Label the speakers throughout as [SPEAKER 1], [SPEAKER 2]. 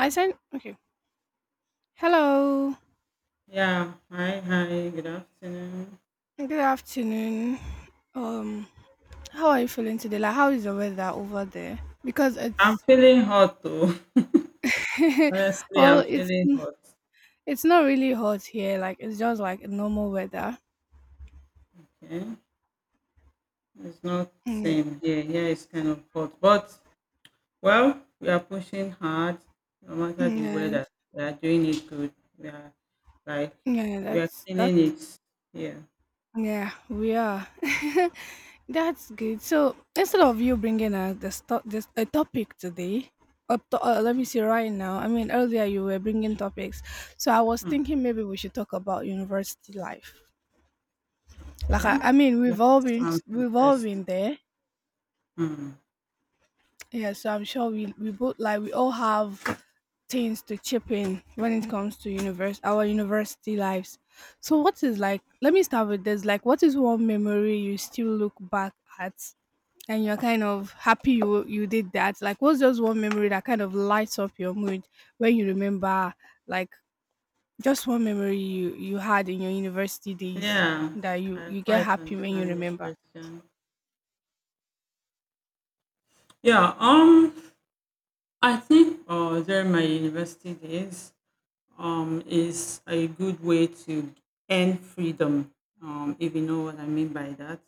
[SPEAKER 1] I sent okay. Hello.
[SPEAKER 2] Yeah, hi, hi, good afternoon.
[SPEAKER 1] Good afternoon. Um, how are you feeling today? Like, how is the weather over there? Because
[SPEAKER 2] I'm
[SPEAKER 1] it's
[SPEAKER 2] feeling hot though. Honestly,
[SPEAKER 1] well,
[SPEAKER 2] I'm
[SPEAKER 1] it's
[SPEAKER 2] feeling hot.
[SPEAKER 1] it's not really hot here. Like, it's just like normal weather.
[SPEAKER 2] Okay. It's not
[SPEAKER 1] Mm,
[SPEAKER 2] same here. Here it's kind of hot. But well, we are pushing hard no
[SPEAKER 1] yeah,
[SPEAKER 2] matter the
[SPEAKER 1] mm,
[SPEAKER 2] weather. We are doing it good. We are like
[SPEAKER 1] yeah, yeah.
[SPEAKER 2] we are
[SPEAKER 1] That's
[SPEAKER 2] cleaning
[SPEAKER 1] that's
[SPEAKER 2] it. Yeah.
[SPEAKER 1] yeah, we are. That's good. So instead of you bringing this a topic today, up to, let me
[SPEAKER 2] Mm,
[SPEAKER 1] see right now. I mean, earlier you were bringing topics, so I was
[SPEAKER 2] mm,
[SPEAKER 1] thinking maybe we should talk about university life. Like
[SPEAKER 2] okay.
[SPEAKER 1] I mean,
[SPEAKER 2] That
[SPEAKER 1] we've all been
[SPEAKER 2] sounds
[SPEAKER 1] we've all
[SPEAKER 2] interesting.
[SPEAKER 1] been there.
[SPEAKER 2] Mm.
[SPEAKER 1] Yeah, so I'm sure we both, like, we all have things to chip in when it comes to universe our university lives. So what is like? Let me start with this. Like, what is one memory you still look back at, and you're kind of happy you did that? Like, what's just one memory that kind of lights up your mood when you remember, like, just one memory you had in your university days
[SPEAKER 2] Yeah,
[SPEAKER 1] that you
[SPEAKER 2] I
[SPEAKER 1] you get
[SPEAKER 2] quite
[SPEAKER 1] happy when you
[SPEAKER 2] understand your
[SPEAKER 1] remember?
[SPEAKER 2] question. Yeah, I think during my university days is a good way to end freedom, if you know what I mean by that.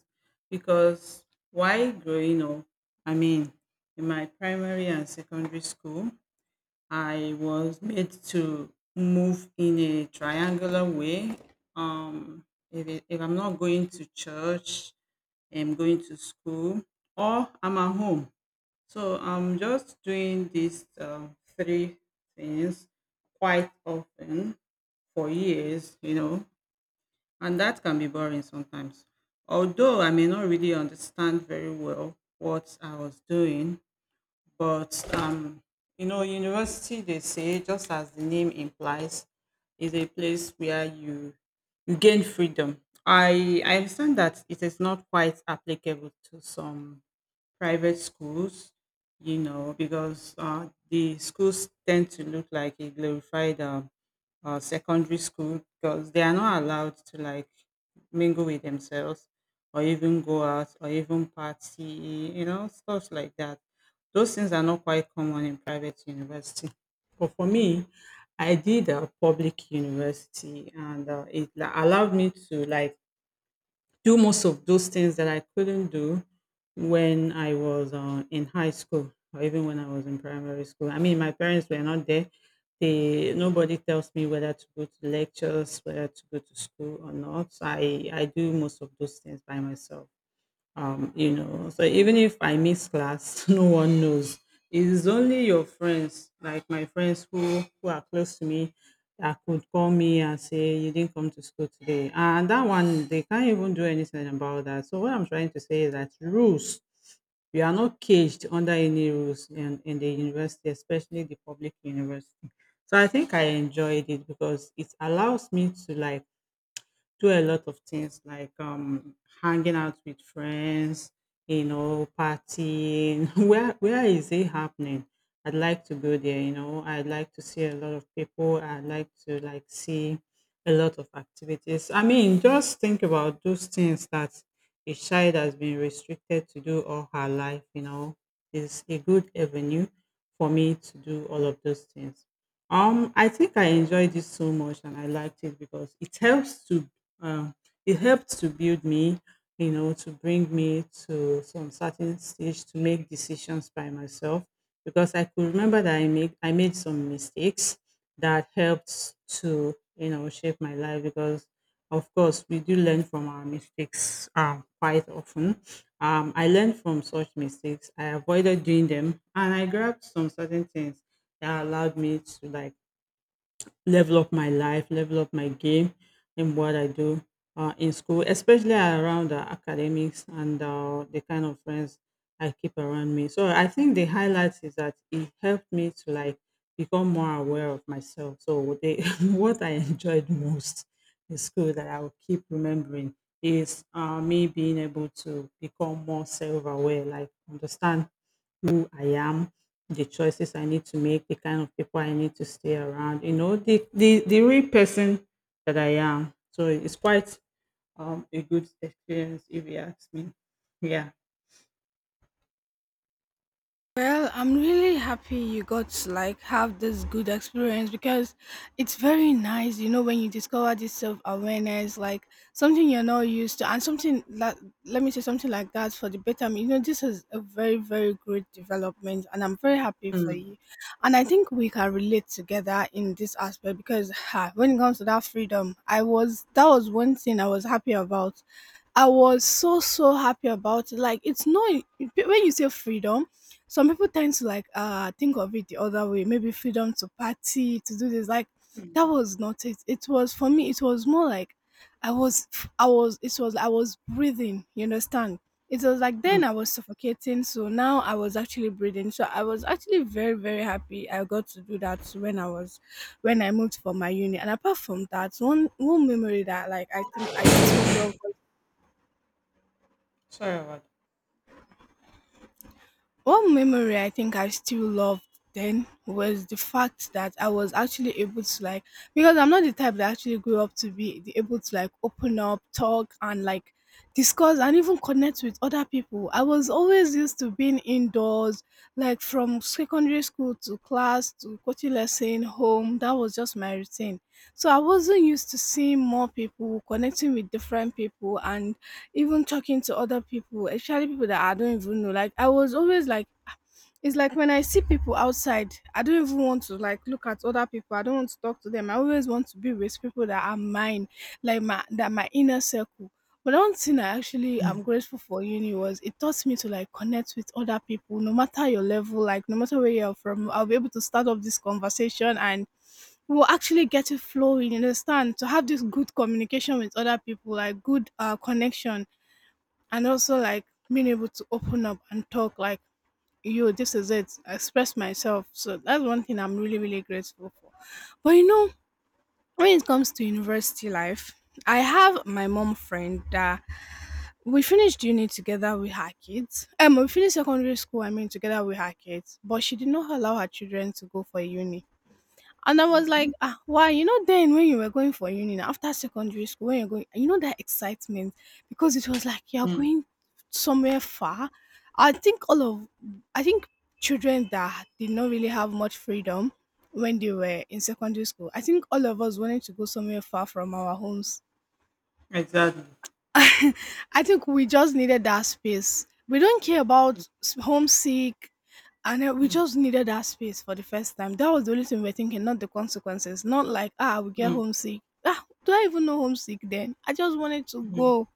[SPEAKER 2] Because while growing up, I mean, in my primary and secondary school, I was made to move in a triangular way. Um, if I'm not going to church, I'm going to school, or I'm at home, so I'm just doing these three things quite often for years, and that can be boring sometimes. Although I may not really understand very well what I was doing, but university they say, just as the name implies, is a place where you gain freedom. I understand that it is not quite applicable to some private schools, because the schools tend to look like a glorified secondary school, because they are not allowed to like mingle with themselves or even go out or even party, stuff like that. Those things are not quite common in private university. But for me, I did a public university, and it allowed me to like do most of those things that I couldn't do when I was in high school or even when I was in primary school. I mean, my parents were not there. They nobody tells me whether to go to lectures, whether to go to school or not. So I do most of those things by myself. So even if I miss class, no one knows. It is only your friends, like my friends who are close to me, that could call me and say you didn't come to school today. And that one, they can't even do anything about that. So what I'm trying to say is that rules. We are not caged under any rules in the university, especially the public university. So I think I enjoyed it because it allows me to like do a lot of things, like hanging out with friends, partying. Where is it happening? I'd like to go there. I'd like to see a lot of people. I'd like to like see a lot of activities. I mean, just think about those things that a child has been restricted to do all her life, is a good avenue for me to do all of those things. I think I enjoyed it so much, and I liked it because um, it helped to build me, to bring me to some certain stage to make decisions by myself, because I could remember that I made some mistakes that helped to shape my life, because of course we do learn from our mistakes quite often. I learned from such mistakes. I avoided doing them, and I grabbed some certain things that allowed me to like level up my life, level up my game in what I do in school, especially around academics and the kind of friends I keep around me. So I think the highlights is that it helped me to like become more aware of myself. So what I enjoyed most in school that I will keep remembering is me being able to become more self-aware, like understand who I am, the choices I need to make, the kind of people I need to stay around, the real person that I am. So it's quite a good experience if you ask me. Yeah.
[SPEAKER 1] Well, I'm really happy you got to, like, have this good experience, because it's very nice, you know, when you discover this self awareness, like something you're not used to, and something that, let me say, something like that for the betterment. You know, this is a very, very great development, and I'm very happy for
[SPEAKER 2] Mm,
[SPEAKER 1] you. And I think we can relate together in this aspect because, when it comes to that freedom, I was that was one thing I was happy about. I was so, so happy about it. Like, it's not, when you say freedom, some people tend to, like, think of it the other way. Maybe freedom to party, to do this. Like, that was not it. It was for me. It was more like I was, I was breathing. You understand? It was like then I
[SPEAKER 2] mm.
[SPEAKER 1] was suffocating, so now I was actually breathing. So I was actually very, very happy I got to do that when I was when I moved for my uni. And apart from that, one memory that, like, I think I still love.
[SPEAKER 2] Sorry about that.
[SPEAKER 1] One memory I think I still loved then was the fact that I was actually able to, like, because I'm not the type that actually grew up to be able to, like, open up, talk and, like, discuss and even connect with other people. I was always used to being indoors, like from secondary school to class to coaching lesson, home. That was just my routine. So I wasn't used to seeing more people, connecting with different people and even talking to other people, especially people that I don't even know. Like, I was always like, it's like when I see people outside, I don't even want to, like, look at other people. I don't want to talk to them. I always want to be with people that are mine, like my, that my inner circle. But one thing I actually am
[SPEAKER 2] Mm,
[SPEAKER 1] grateful for uni was, it taught me to, like, connect with other people, no matter your level, like no matter where you're from. I'll be able to start up this conversation and we'll actually get it flowing. You understand? To have this good communication with other people, like good, connection, and also like being able to open up and talk, like, yo, this is it, express myself. So that's one thing I'm really, really grateful for. But you know, when it comes to university life, I have my mom friend that we finished uni together with her kids, we finished secondary school, I mean, together with her kids, but she did not allow her children to go for uni. And I was
[SPEAKER 2] mm,
[SPEAKER 1] like, ah, why? Then when you were going for uni, now, after secondary school, when you're going, that excitement, because it was like you're
[SPEAKER 2] mm.
[SPEAKER 1] going somewhere far. I think all of, I think children that did not really have much freedom when they were in secondary school, I think all of us wanted to go somewhere far from our homes.
[SPEAKER 2] Exactly.
[SPEAKER 1] I think we just needed that space. We don't care
[SPEAKER 2] Mm,
[SPEAKER 1] about homesick, and we
[SPEAKER 2] mm,
[SPEAKER 1] just needed that space for the first time. That was the only thing we were thinking, not the consequences. Not like, ah, we get
[SPEAKER 2] mm,
[SPEAKER 1] homesick. Ah, do I even know homesick then? I just wanted to go.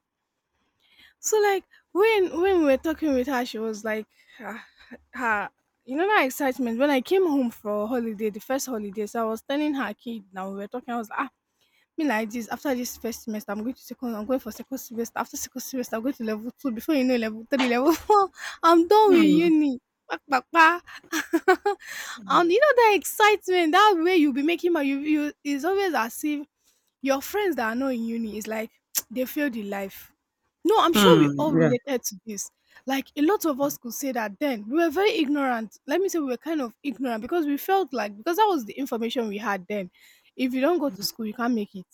[SPEAKER 1] So like, when we were talking with her, she was like, ah, ah, you know that excitement. When I came home for holiday, the first holidays, I was telling her kid. Now we were talking. I was like, "Ah, me like this, after this first semester, I'm going for second semester. After second semester, I'm going to level two. Before you know, level three, level four, I'm done with
[SPEAKER 2] mm,
[SPEAKER 1] uni. Pak, pak, pak." And
[SPEAKER 2] mm,
[SPEAKER 1] you know that excitement, that way you'll be making money. You is always as if your friends that are not in uni is like they failed in life. No, I'm sure we all
[SPEAKER 2] mm.
[SPEAKER 1] related to this. Like, a lot of us could say that then we were very ignorant. Let me say we were kind of ignorant, because we felt like, because that was the information we had then. If you don't go to school, you can't make it.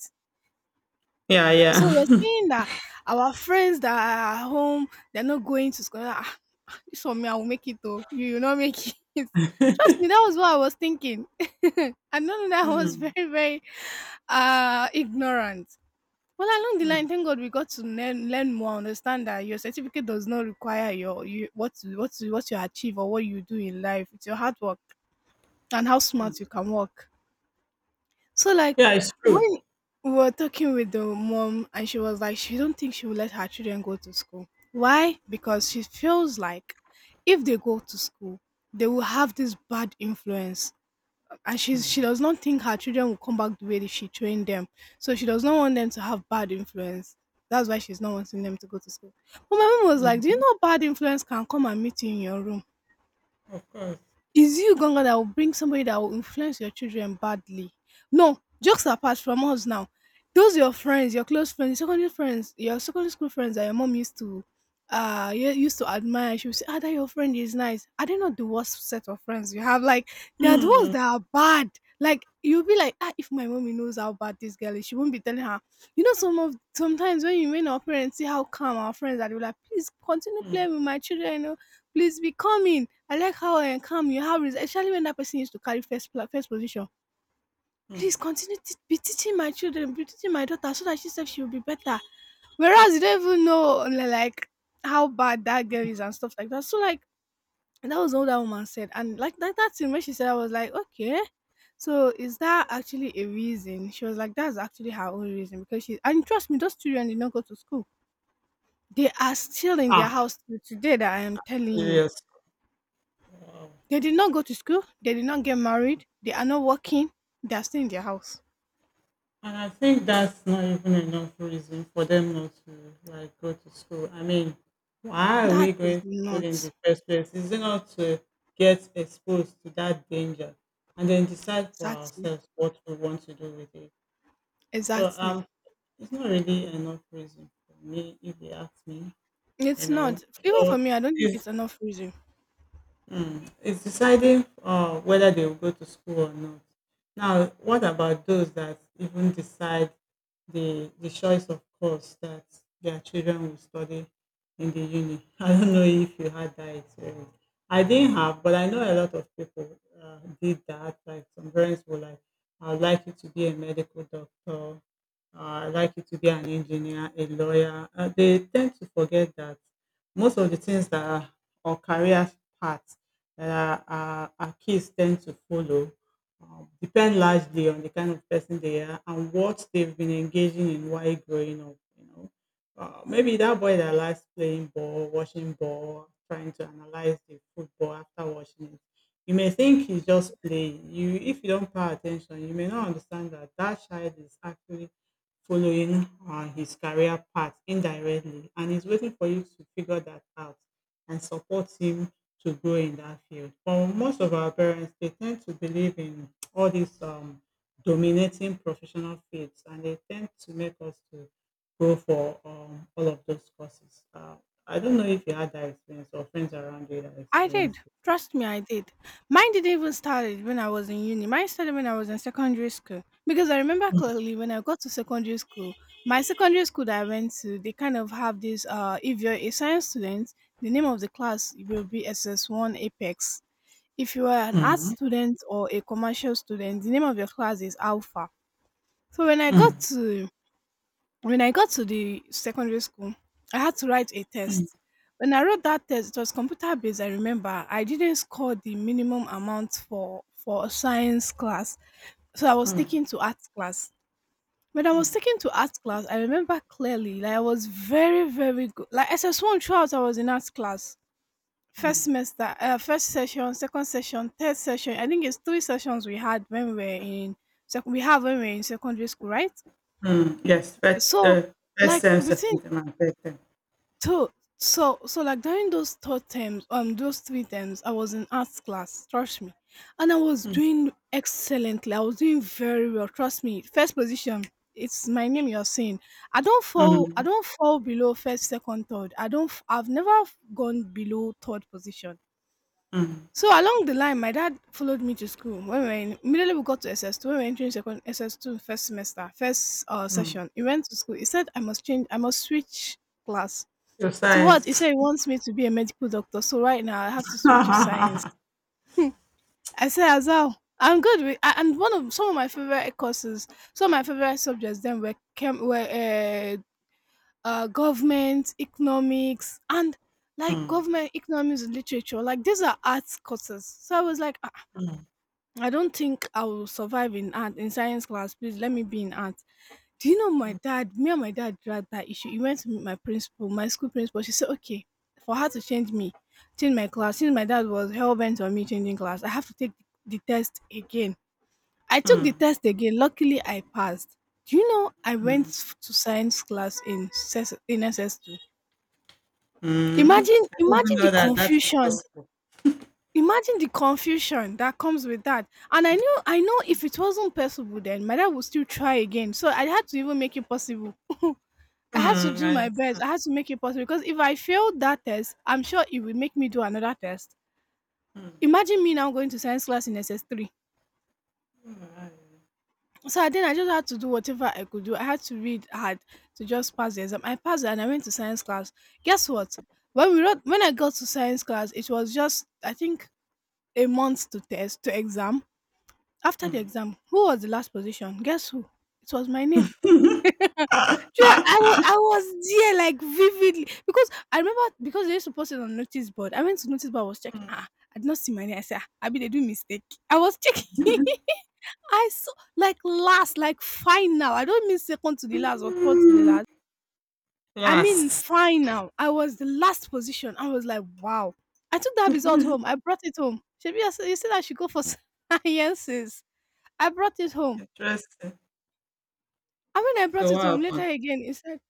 [SPEAKER 2] Yeah.
[SPEAKER 1] So
[SPEAKER 2] Yeah.
[SPEAKER 1] we're
[SPEAKER 2] Yeah.
[SPEAKER 1] saying that our friends that are at home, they're not going to school. Ah, this one me, I will make it though. You will not make it. Trust me, that was what I was thinking. I know that I was very,
[SPEAKER 2] Mm,
[SPEAKER 1] very ignorant. Well, along the
[SPEAKER 2] mm,
[SPEAKER 1] line, thank God we got to learn more, understand that your certificate does not require your what you achieve or what you do in life. It's your hard work and how smart you
[SPEAKER 2] mm.
[SPEAKER 1] can work. So like,
[SPEAKER 2] Yeah, it's
[SPEAKER 1] when
[SPEAKER 2] true.
[SPEAKER 1] we were talking with the mom, and she was like, she don't think she will let her children go to school. Why? Because she feels like if they go to school, they will have this bad influence. And she
[SPEAKER 2] Mm,
[SPEAKER 1] does not think her children will come back the way that she trained them. So she does not want them to have bad influence. That's why she's not wanting them to go to school. But my mom was like, do you
[SPEAKER 2] mm.
[SPEAKER 1] know bad influence can come and meet you in your room?
[SPEAKER 2] Of course.
[SPEAKER 1] It's you, Ganga, that will bring somebody that will influence your children badly. No, jokes apart from us now. Those your friends, your close friends, secondary friends, your secondary school friends that you used to admire. She would say, ah, that your friend is nice. Are they not the worst set of friends you have? Like, they are the ones
[SPEAKER 2] Mm,
[SPEAKER 1] that are bad. Like, you'll be like, ah, if my mommy knows how bad this girl is, she won't be telling her. Some of sometimes when you meet our parents, see how calm our friends are, they'll be like, please continue
[SPEAKER 2] mm,
[SPEAKER 1] playing with my children, please be coming. I like how calm you have, especially when that person used to carry first position. Please
[SPEAKER 2] mm.
[SPEAKER 1] continue to be teaching my children, be teaching my daughter, so that she says she will be better. Whereas you don't even know, like, how bad that girl is and stuff like that. So like, that was all that woman said, and like, that thing when she said, I was like, okay. So is that actually a reason? She was like, that's actually her own reason, because she, and trust me, those children did not go to school. They are still in their
[SPEAKER 2] Ah,
[SPEAKER 1] house till today. That I am telling you.
[SPEAKER 2] serious. Wow.
[SPEAKER 1] They did not go to school. They did not get married. They are not working. They are still in their house.
[SPEAKER 2] And I think that's not even enough reason for them not to like go to school. I mean, why are
[SPEAKER 1] That
[SPEAKER 2] we
[SPEAKER 1] is
[SPEAKER 2] going to school in the
[SPEAKER 1] not,
[SPEAKER 2] first place? Is it not to get exposed to that danger and then decide for
[SPEAKER 1] exactly.
[SPEAKER 2] ourselves what we want to do with it? So
[SPEAKER 1] Exactly.
[SPEAKER 2] it's not really enough reason for me if you ask me. You
[SPEAKER 1] It's
[SPEAKER 2] know,
[SPEAKER 1] not. Even for
[SPEAKER 2] so
[SPEAKER 1] me, I don't think
[SPEAKER 2] it's
[SPEAKER 1] it's enough reason.
[SPEAKER 2] it's deciding whether they will go to school or not. Now, what about those that even decide the choice of course that their children will study in the uni? I don't know if you had that experience. I didn't have, but I know a lot of people did that. Like some parents were like, "I'd like you to be a medical doctor. I'd like you to be an engineer, a lawyer." They tend to forget that most of the things that are, or career paths that our kids tend to follow, depend largely on the kind of person they are and what they've been engaging in while growing up. You know, maybe that boy that likes playing ball, watching ball, trying to analyze the football after watching it. You may think he's just playing. If you don't pay attention, you may not understand that that child is actually following his career path indirectly, and he's waiting for you to figure that out and support him to grow in that field. For most of our parents, they tend to believe in all these dominating professional fields, and they tend to make us to go for all of those courses. I don't know if you had that experience or friends around you that
[SPEAKER 1] I did.
[SPEAKER 2] experienced it.
[SPEAKER 1] Trust me, I did. Mine didn't even started when I was in uni. Mine started when I was in secondary school. Because I remember clearly when I got to secondary school, my secondary school that I went to, they kind of have this, if you're a science student, the name of the class will be SS1 Apex. If you are an art
[SPEAKER 2] Mm,
[SPEAKER 1] student or a commercial student, the name of your class is alpha. So when
[SPEAKER 2] mm.
[SPEAKER 1] I got to the secondary school, I had to write a test. When I wrote that test, it was computer based. I remember I didn't score the minimum amount for a science class, so I was
[SPEAKER 2] Mm,
[SPEAKER 1] taken to art class. When I was
[SPEAKER 2] mm,
[SPEAKER 1] taken to art class, I remember clearly like I was very good. Like SS one throughout, I was in art class. First
[SPEAKER 2] mm,
[SPEAKER 1] semester, first session, second session, third session. I think it's three sessions we had when we were in we have when we were in secondary school, right?
[SPEAKER 2] mm. Yes, but,
[SPEAKER 1] So
[SPEAKER 2] first
[SPEAKER 1] like
[SPEAKER 2] term, second
[SPEAKER 1] within
[SPEAKER 2] term, and third term.
[SPEAKER 1] two, so like during those third terms, those three terms, I was in arts class, trust me. And I was
[SPEAKER 2] Mm,
[SPEAKER 1] doing excellently. I was doing very well, trust me. First position, it's my name you're seeing. I
[SPEAKER 2] mm,
[SPEAKER 1] don't fall below first, second, third. I don't f- I've never gone below third position.
[SPEAKER 2] mm,
[SPEAKER 1] So along the line, my dad followed me to school. When we were in, immediately we got to SS2. When we were entering second SS2 first semester, first
[SPEAKER 2] mm.
[SPEAKER 1] session, he went to school. He said I must change, I must switch class.
[SPEAKER 2] Your
[SPEAKER 1] To what? He said
[SPEAKER 2] science.
[SPEAKER 1] he wants me to be a medical doctor. So right now I have to switch to science.
[SPEAKER 2] Mm,
[SPEAKER 1] I said, Azal, I'm good with. And one of some of my favorite courses, some of my favorite subjects then were government, economics, and like
[SPEAKER 2] mm.
[SPEAKER 1] government economics and literature, like these are arts courses. So I was like, "Ah, I don't think I will survive in art in science class. Please let me be in art." Do you know my dad? Me and my dad dragged that issue. He went to meet my principal, my school principal. She said, okay, for her to change me, change my class. Since my dad was hell bent on me changing class, I have to take the test again. I took the
[SPEAKER 2] Mm.
[SPEAKER 1] test again. Luckily, I passed. Do you know I went to science class in s S in SS2?
[SPEAKER 2] Mm, I didn't
[SPEAKER 1] Imagine,
[SPEAKER 2] even
[SPEAKER 1] imagine
[SPEAKER 2] know
[SPEAKER 1] the
[SPEAKER 2] that that is
[SPEAKER 1] confusion.
[SPEAKER 2] possible.
[SPEAKER 1] Imagine the confusion that comes with that. And I know if it wasn't possible then my dad would still try again. So I had to even make it possible. I had to
[SPEAKER 2] Mm, I
[SPEAKER 1] do my best.
[SPEAKER 2] understand.
[SPEAKER 1] I had to make it possible because if I failed that test, I'm sure it would make me do another test.
[SPEAKER 2] Mm,
[SPEAKER 1] Imagine me now going to science class in SS3.
[SPEAKER 2] alright.
[SPEAKER 1] So then I just had to do whatever I could do. I had to read hard to just pass the exam. I passed and I went to science class. Guess what? When I got to science class, it was just I think a month to exam. After the
[SPEAKER 2] Mm.
[SPEAKER 1] exam, who was the last position? Guess who? It was my name. Do you know, I was there like vividly because I remember because they used to post it on notice board. I went to notice board. I was checking. Ah, I did not see my name. I said, ah, I mean, they do mistake. I was checking. I saw like last, like final. I don't mean second to the last or third to the
[SPEAKER 2] Mm.
[SPEAKER 1] last. I mean
[SPEAKER 2] Last.
[SPEAKER 1] final. I was the last position. I was like, wow. I took that result home. I brought it home. Shebi, I said- you said I should go for sciences. I brought it home.
[SPEAKER 2] Interesting.
[SPEAKER 1] And when I brought
[SPEAKER 2] So
[SPEAKER 1] it
[SPEAKER 2] what
[SPEAKER 1] home later
[SPEAKER 2] happened?
[SPEAKER 1] again, he said,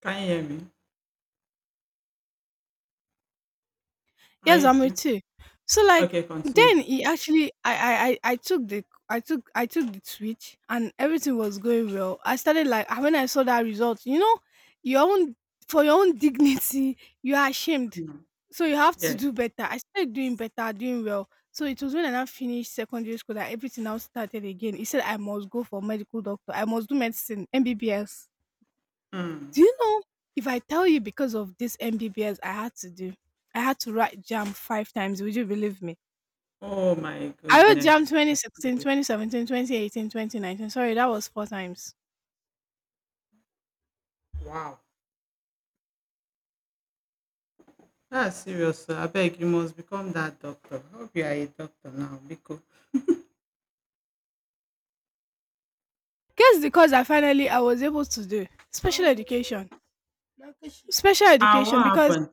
[SPEAKER 2] Can you hear me? Are
[SPEAKER 1] "Yes,
[SPEAKER 2] you
[SPEAKER 1] I'm
[SPEAKER 2] there?
[SPEAKER 1] with you." So like
[SPEAKER 2] Okay, continue.
[SPEAKER 1] then he actually, I took the switch and everything was going well. I started like, and when I saw that result, you know, your own for your own dignity, you are ashamed,
[SPEAKER 2] Mm,
[SPEAKER 1] so you have to
[SPEAKER 2] yes.
[SPEAKER 1] do better. I started doing better, doing well. So it was when I now finished secondary school that everything now started again. He said I must go for medical doctor. I must do medicine, MBBS.
[SPEAKER 2] Mm.
[SPEAKER 1] Do you know if I tell you because of this MBBS I had to do, I had to write JAM five times, would you believe me?
[SPEAKER 2] Oh my
[SPEAKER 1] I wrote JAM
[SPEAKER 2] goodness.
[SPEAKER 1] twenty
[SPEAKER 2] That's
[SPEAKER 1] sixteen, twenty
[SPEAKER 2] serious.
[SPEAKER 1] seventeen, 2018, 2019. Sorry, that was four times.
[SPEAKER 2] Wow. That's serious, sir. I beg, you must become that doctor. I hope you are a doctor now, because
[SPEAKER 1] Guess the course I finally I was able to do special education. Special
[SPEAKER 2] what
[SPEAKER 1] education because
[SPEAKER 2] happened?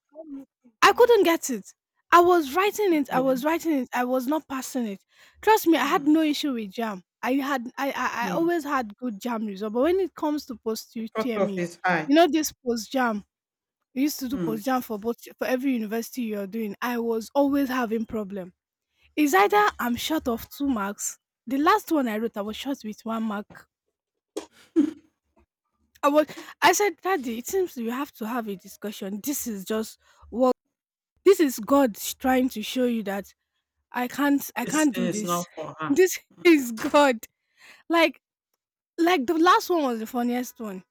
[SPEAKER 1] I couldn't get it. I
[SPEAKER 2] Okay.
[SPEAKER 1] was writing it, I was not passing it. Trust me, I had
[SPEAKER 2] Mm,
[SPEAKER 1] no issue with JAM. I
[SPEAKER 2] mm.
[SPEAKER 1] always had good JAM result, but when it comes to post
[SPEAKER 2] The cutoff
[SPEAKER 1] UTME,
[SPEAKER 2] is high.
[SPEAKER 1] you know this post JAM, we used to do
[SPEAKER 2] Mm,
[SPEAKER 1] postjam for both for every university you're doing. I was always having problem. It's either
[SPEAKER 2] mm.
[SPEAKER 1] I'm short of two marks, the last one I wrote I was short with one mark. I was, I said, daddy, it seems we have to have a discussion. This is just what, this is God trying to show you that I
[SPEAKER 2] This
[SPEAKER 1] can't
[SPEAKER 2] thing
[SPEAKER 1] do
[SPEAKER 2] is not
[SPEAKER 1] this.
[SPEAKER 2] for her.
[SPEAKER 1] This is God. like like the last one was the funniest one.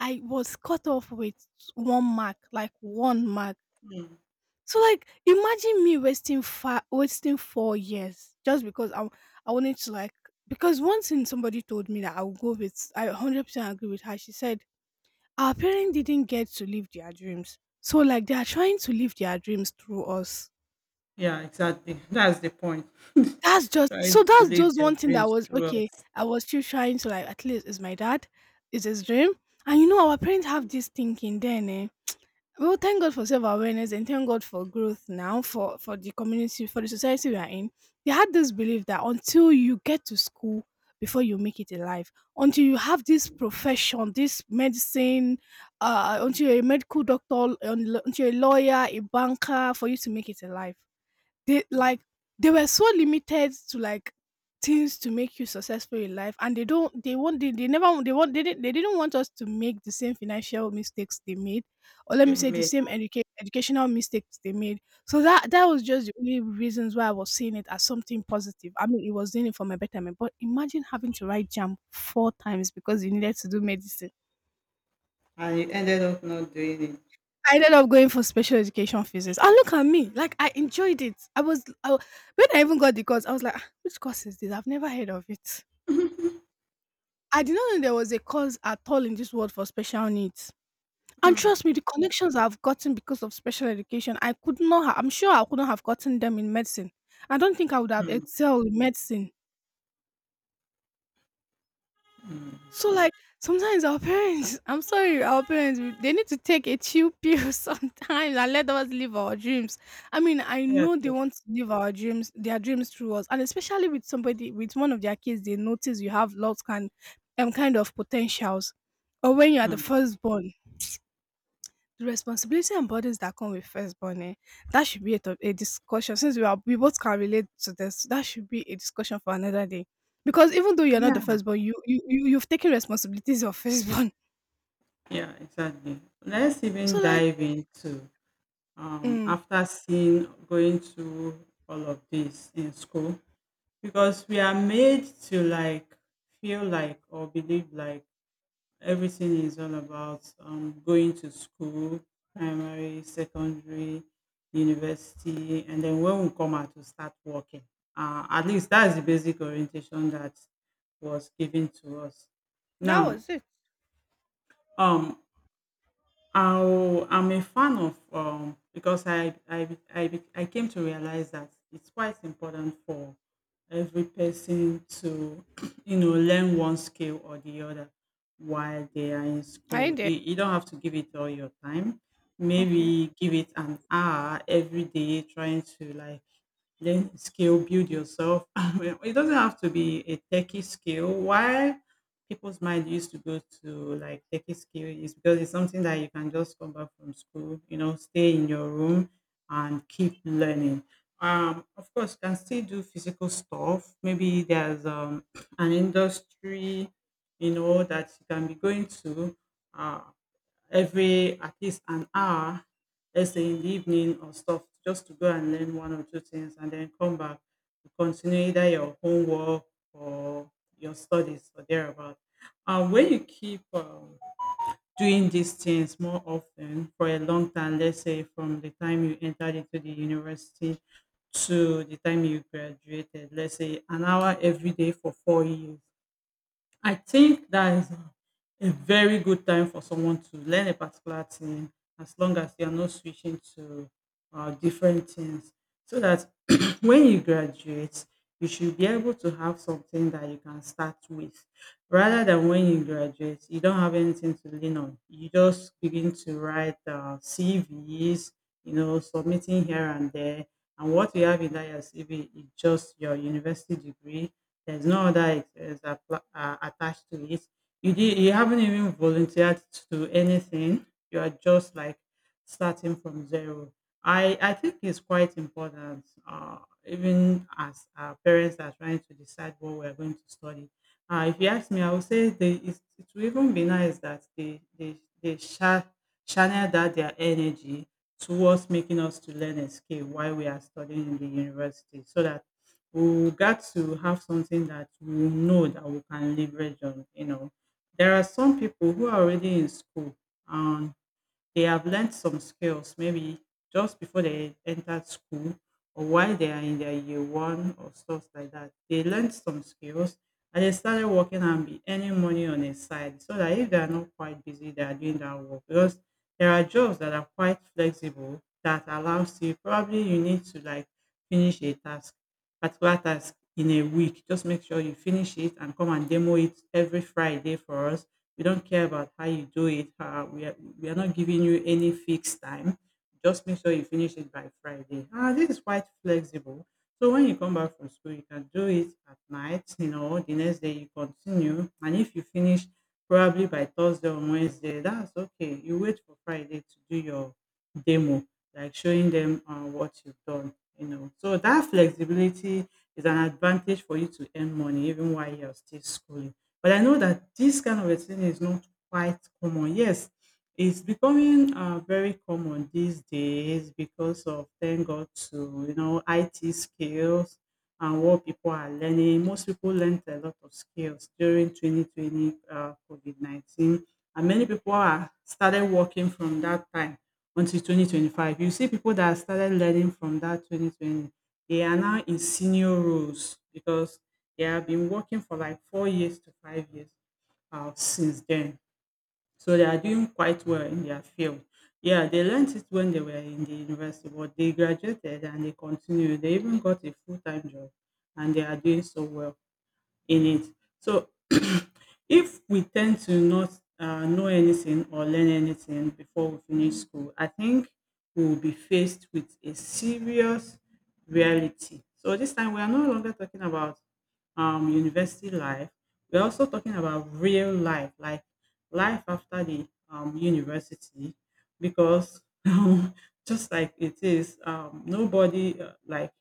[SPEAKER 1] I was cut off with one mark, like one mark.
[SPEAKER 2] Mm.
[SPEAKER 1] So like imagine me wasting 4 years just because I wanted to like, because one thing somebody told me that I would go with, I 100% agree with her. She said our parents didn't get to live their dreams, so like they are trying to live their dreams through us.
[SPEAKER 2] Yeah, exactly. That's the point.
[SPEAKER 1] That's just
[SPEAKER 2] Trying
[SPEAKER 1] so
[SPEAKER 2] to
[SPEAKER 1] that's
[SPEAKER 2] live
[SPEAKER 1] just
[SPEAKER 2] their
[SPEAKER 1] one thing that
[SPEAKER 2] dreams
[SPEAKER 1] was
[SPEAKER 2] through
[SPEAKER 1] okay.
[SPEAKER 2] us.
[SPEAKER 1] I was still trying to like, at least it's my dad, it's his dream, and you know our parents have this thinking then. Eh? Well, thank God for self awareness and thank God for growth now for the community, for the society we are in. They had this belief that until you get to school before you make it in life, until you have this profession, this medicine, until you're a medical doctor, until you're a lawyer, a banker, for you to make it in life. They like they were so limited to like things to make you successful in life, and they don't they want. They never they want they didn't want us to make the same financial mistakes they made, or let me
[SPEAKER 2] They
[SPEAKER 1] say the
[SPEAKER 2] made,
[SPEAKER 1] same educational mistakes they made, so that that was just the only reasons why I was seeing it as something positive. I mean, it was doing it for my betterment, but imagine having to write JAM four times because you needed to do medicine.
[SPEAKER 2] and you ended up not doing it.
[SPEAKER 1] I ended up going for special education physics, and look at me, like I enjoyed it. I was I wa- when I even got the course, I was like, "Ah, which course is this? I've never heard of it. I did not know there was a course at all in this world for special needs." And trust me,
[SPEAKER 2] Hmm.
[SPEAKER 1] the connections I've gotten because of special education, I could not. I'm sure I couldn't have gotten them in medicine. I don't think I would have
[SPEAKER 2] Hmm.
[SPEAKER 1] excelled in medicine.
[SPEAKER 2] Mm.
[SPEAKER 1] So like sometimes our parents, I'm sorry, they need to take a chill pill sometimes and let us live our dreams. I mean, I
[SPEAKER 2] Yes.
[SPEAKER 1] know they
[SPEAKER 2] Yes.
[SPEAKER 1] want to their dreams through us, and especially with somebody with one of their kids, they notice you have lots kind kind of potentials, or when you are the
[SPEAKER 2] Hmm.
[SPEAKER 1] firstborn, the responsibility and burdens that come with firstborn, eh, that should be a discussion. Since we are, we both can relate to this, that should be a discussion for another day. Because even though you're not the
[SPEAKER 2] Yeah,
[SPEAKER 1] firstborn, you've taken responsibilities of firstborn.
[SPEAKER 2] yeah, exactly. Let's even
[SPEAKER 1] So like,
[SPEAKER 2] dive into
[SPEAKER 1] mm,
[SPEAKER 2] after seeing going through all of this in school, because we are made to like feel like or believe like everything is all about going to school, primary, secondary, university, and then when we come out to start working. At least that's the basic orientation that was given to us.
[SPEAKER 1] that
[SPEAKER 2] Now,
[SPEAKER 1] was it.
[SPEAKER 2] um, I'm a fan of because I came to realize that it's quite important for every person to learn one skill or the other while they are in
[SPEAKER 1] Are
[SPEAKER 2] school.
[SPEAKER 1] you there?
[SPEAKER 2] You don't have to give it all your time.
[SPEAKER 1] Okay.
[SPEAKER 2] Maybe give it an hour every day trying to like learn skill, build yourself. It doesn't have to be a techie skill. Why people's mind used to go to like techie skill is because it's something that you can just come back from school, stay in your room and keep learning. Of course, you can still do physical stuff. Maybe there's an industry, that you can be going to. Uh, every at least an hour, let's say in the evening or stuff, just to go and learn one or two things and then come back to continue either your homework or your studies or thereabout. When you keep doing these things more often for a long time, let's say from the time you entered into the university to the time you graduated, let's say an hour every day for 4 years, I think that is a very good time for someone to learn a particular thing, as long as they are not switching to different things. So that when you graduate, you should be able to have something that you can start with. Rather than when you graduate, you don't have anything to lean on. You just begin to write CVs, submitting here and there. And what you have in that your CV is just your university degree. There's no other expense attached to it. You haven't even volunteered to anything. You are just like starting from zero. I think it's quite important. Even as our parents are trying to decide what we're going to study. If you ask me, I would say it would even be nice that they channel that their energy towards making us to learn a skill while we are studying in the university, so that we got to have something that we know that we can leverage on. You know, there are some people who are already in school and they have learned some skills maybe just before they entered school or while they are in their year one or stuff like that. They learned some skills and they started working and be earning money on the side so that if they are not quite busy, they are doing that work because there are jobs that are quite flexible that allows you probably you need to like finish a task, particular task in a week. Just make sure you finish it and come and demo it every Friday for us, we don't care about how you do it. We are not giving you any fixed time. Just make sure you finish it by Friday. Ah, this is quite flexible. So when you come back from school, you can do it at night. You know, the next day you continue, and if you finish probably by Thursday or Wednesday, that's okay. You wait for Friday to do your demo, like showing them what you've done. You know, so that flexibility is an advantage for you to earn money even while you're still schooling. But I know that this kind of a thing is not quite common. Yes, it's becoming very common these days because of, thank God to, you know, IT skills and what people are learning. Most people learned a lot of skills during 2020, COVID 19, and many people are started working from that time until 2025. You see people that started learning from that 2020, they are now in senior roles because they have been working for like 4 years to 5 years since then. So they are doing quite well in their field. Yeah, they learned it when they were in the university, but they graduated and they continued. They even got a full time job and they are doing so well in it. So if we tend to not know anything or learn anything before we finish school, I think we will be faced with a serious reality. So this time we are no longer talking about university life. We're also talking about real life, like life after the university, because just like it is, nobody like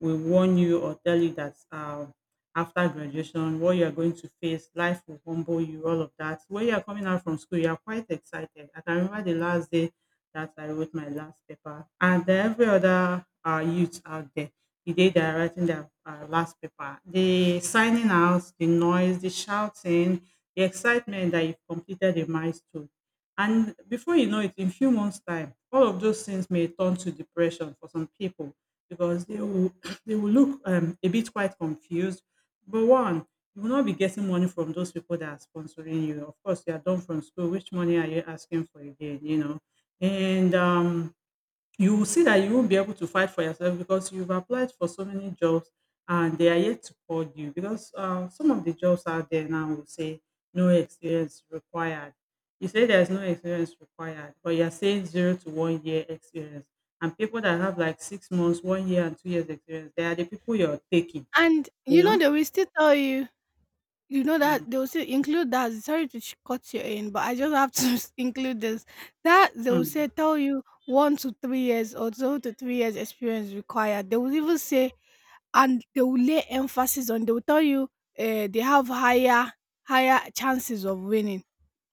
[SPEAKER 2] will warn you or tell you that. After graduation, what you are going to face, life will humble you, all of that. When you are coming out from school, you are quite excited. I can remember the last day that I wrote my last paper, and then every other youth out there, the day they are writing their last paper, the signing out, the noise, the shouting, the excitement that you've completed a milestone. And before you know it, in few months' time, all of those things may turn to depression for some people because they will they will look a bit quite confused, but one, you will not be getting money from those people that are sponsoring you. Of course, you are done from school. Which money are you asking for again? You know, and you will see that you won't be able to fight for yourself because you've applied for so many jobs and they are yet to call you because some of the jobs out there now will say no experience required. You say there's no experience required, but you're saying 0 to 1 year experience. And people that have like 6 months, 1 year, and 2 years experience, they are the people you're taking,
[SPEAKER 1] And you know
[SPEAKER 2] you
[SPEAKER 1] they will still tell you, you know
[SPEAKER 2] know?
[SPEAKER 1] that they will still include that. Sorry to cut you in, but I just have to include this. That they will
[SPEAKER 2] Mm.
[SPEAKER 1] say tell you 1 to 3 years or 2 to 3 years experience required. They will even say. And they will lay emphasis on, they will tell you, they have higher chances of winning,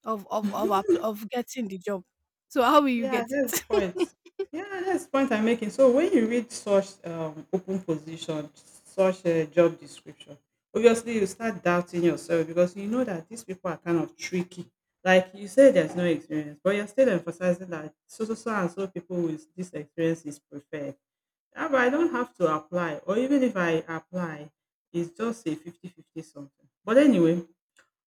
[SPEAKER 1] of app of getting the job. So how will you
[SPEAKER 2] Yeah,
[SPEAKER 1] get
[SPEAKER 2] that's
[SPEAKER 1] it?"
[SPEAKER 2] the point. Yeah, that's the point I'm making. So when you read such open position, such a job description, obviously you start doubting yourself because you know that these people are kind of tricky. Like you say, there's no experience, but you're still emphasizing that so so so and so people with this experience is preferred. Ah, but I don't have to apply, or even if I apply, it's just a 50 50 something. But anyway,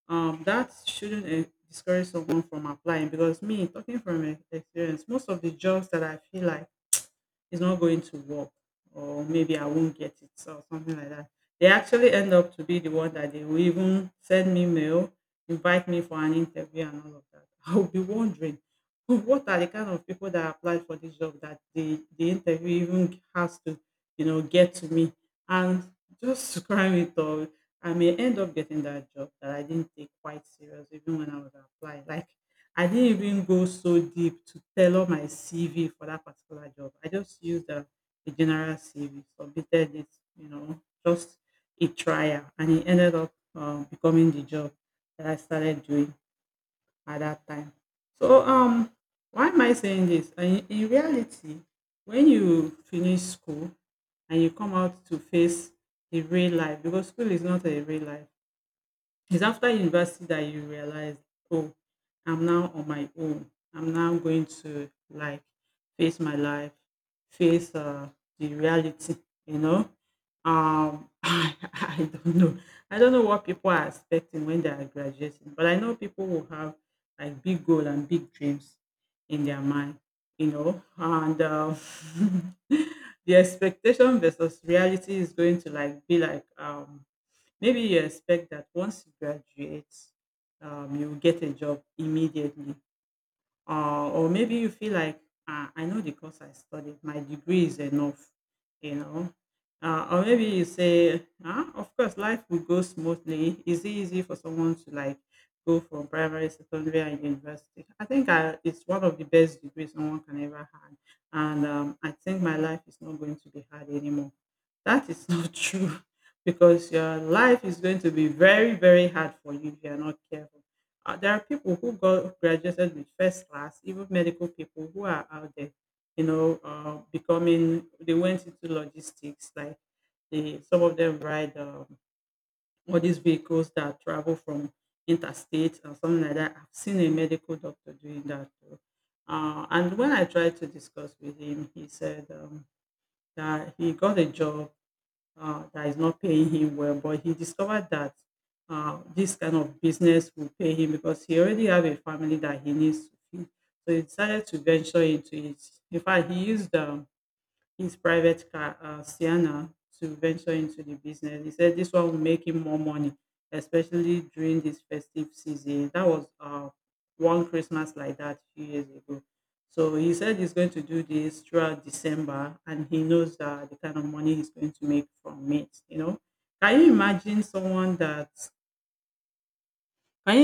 [SPEAKER 2] that shouldn't eh, discourage someone from applying because me talking from eh, experience, most of the jobs that I feel like it's not going to work or maybe I won't get it or something like that. They actually end up to be the one that they will even send me mail, invite me for an interview and all of that. I will be wondering, "Oh, what are the kind of people that applied for this job that the interview even has to, you know, get to me." And just to cry it all, I may end up getting that job that I didn't take quite serious even when I was applying. Like I didn't even go so deep to tailor my CV for that particular job. I just used a general CV, submitted it, you know, just a trial, and it ended up becoming the job that I started doing at that time. So, why am I saying this? In reality, when you finish school and you come out to face the real life, because school is not a real life, it's after university that you realize, oh, I'm now on my own. I'm now going to like face my life, face the reality, you know. I don't know. I don't know what people are expecting when they are graduating, but I know people who have like big goal and big dreams in their mind, you know, and the expectation versus reality is going to like be like um. Maybe you expect that once you graduate, you will get a job immediately, or maybe you feel like, ah, I know the course I studied, my degree is enough, you know. Or maybe you say, ah, of course, life will go smoothly. Is it easy for someone to like go from primary, secondary, and university? I think it's one of the best degrees someone can ever have, and I think my life is not going to be hard anymore. That is not true because your life is going to be very, very hard for you if you are not careful. There are people who got graduated with first class, even medical people who are out there, you know, becoming. They went into logistics, like they, some of them ride all these vehicles that travel from interstate or something like that. I've seen a medical doctor doing that too. And when I tried to discuss with him, he said that he got a job that is not paying him well. But he discovered that this kind of business will pay him because he already have a family that he needs to feed. So he decided to venture into it. In fact, he used his private car, Sienna, to venture into the business. He said this one will make him more money, especially during this festive season. That was one Christmas like that a few years ago. So he said he's going to do this throughout December, and he knows the kind of money he's going to make from it. You know, can you imagine someone that? Can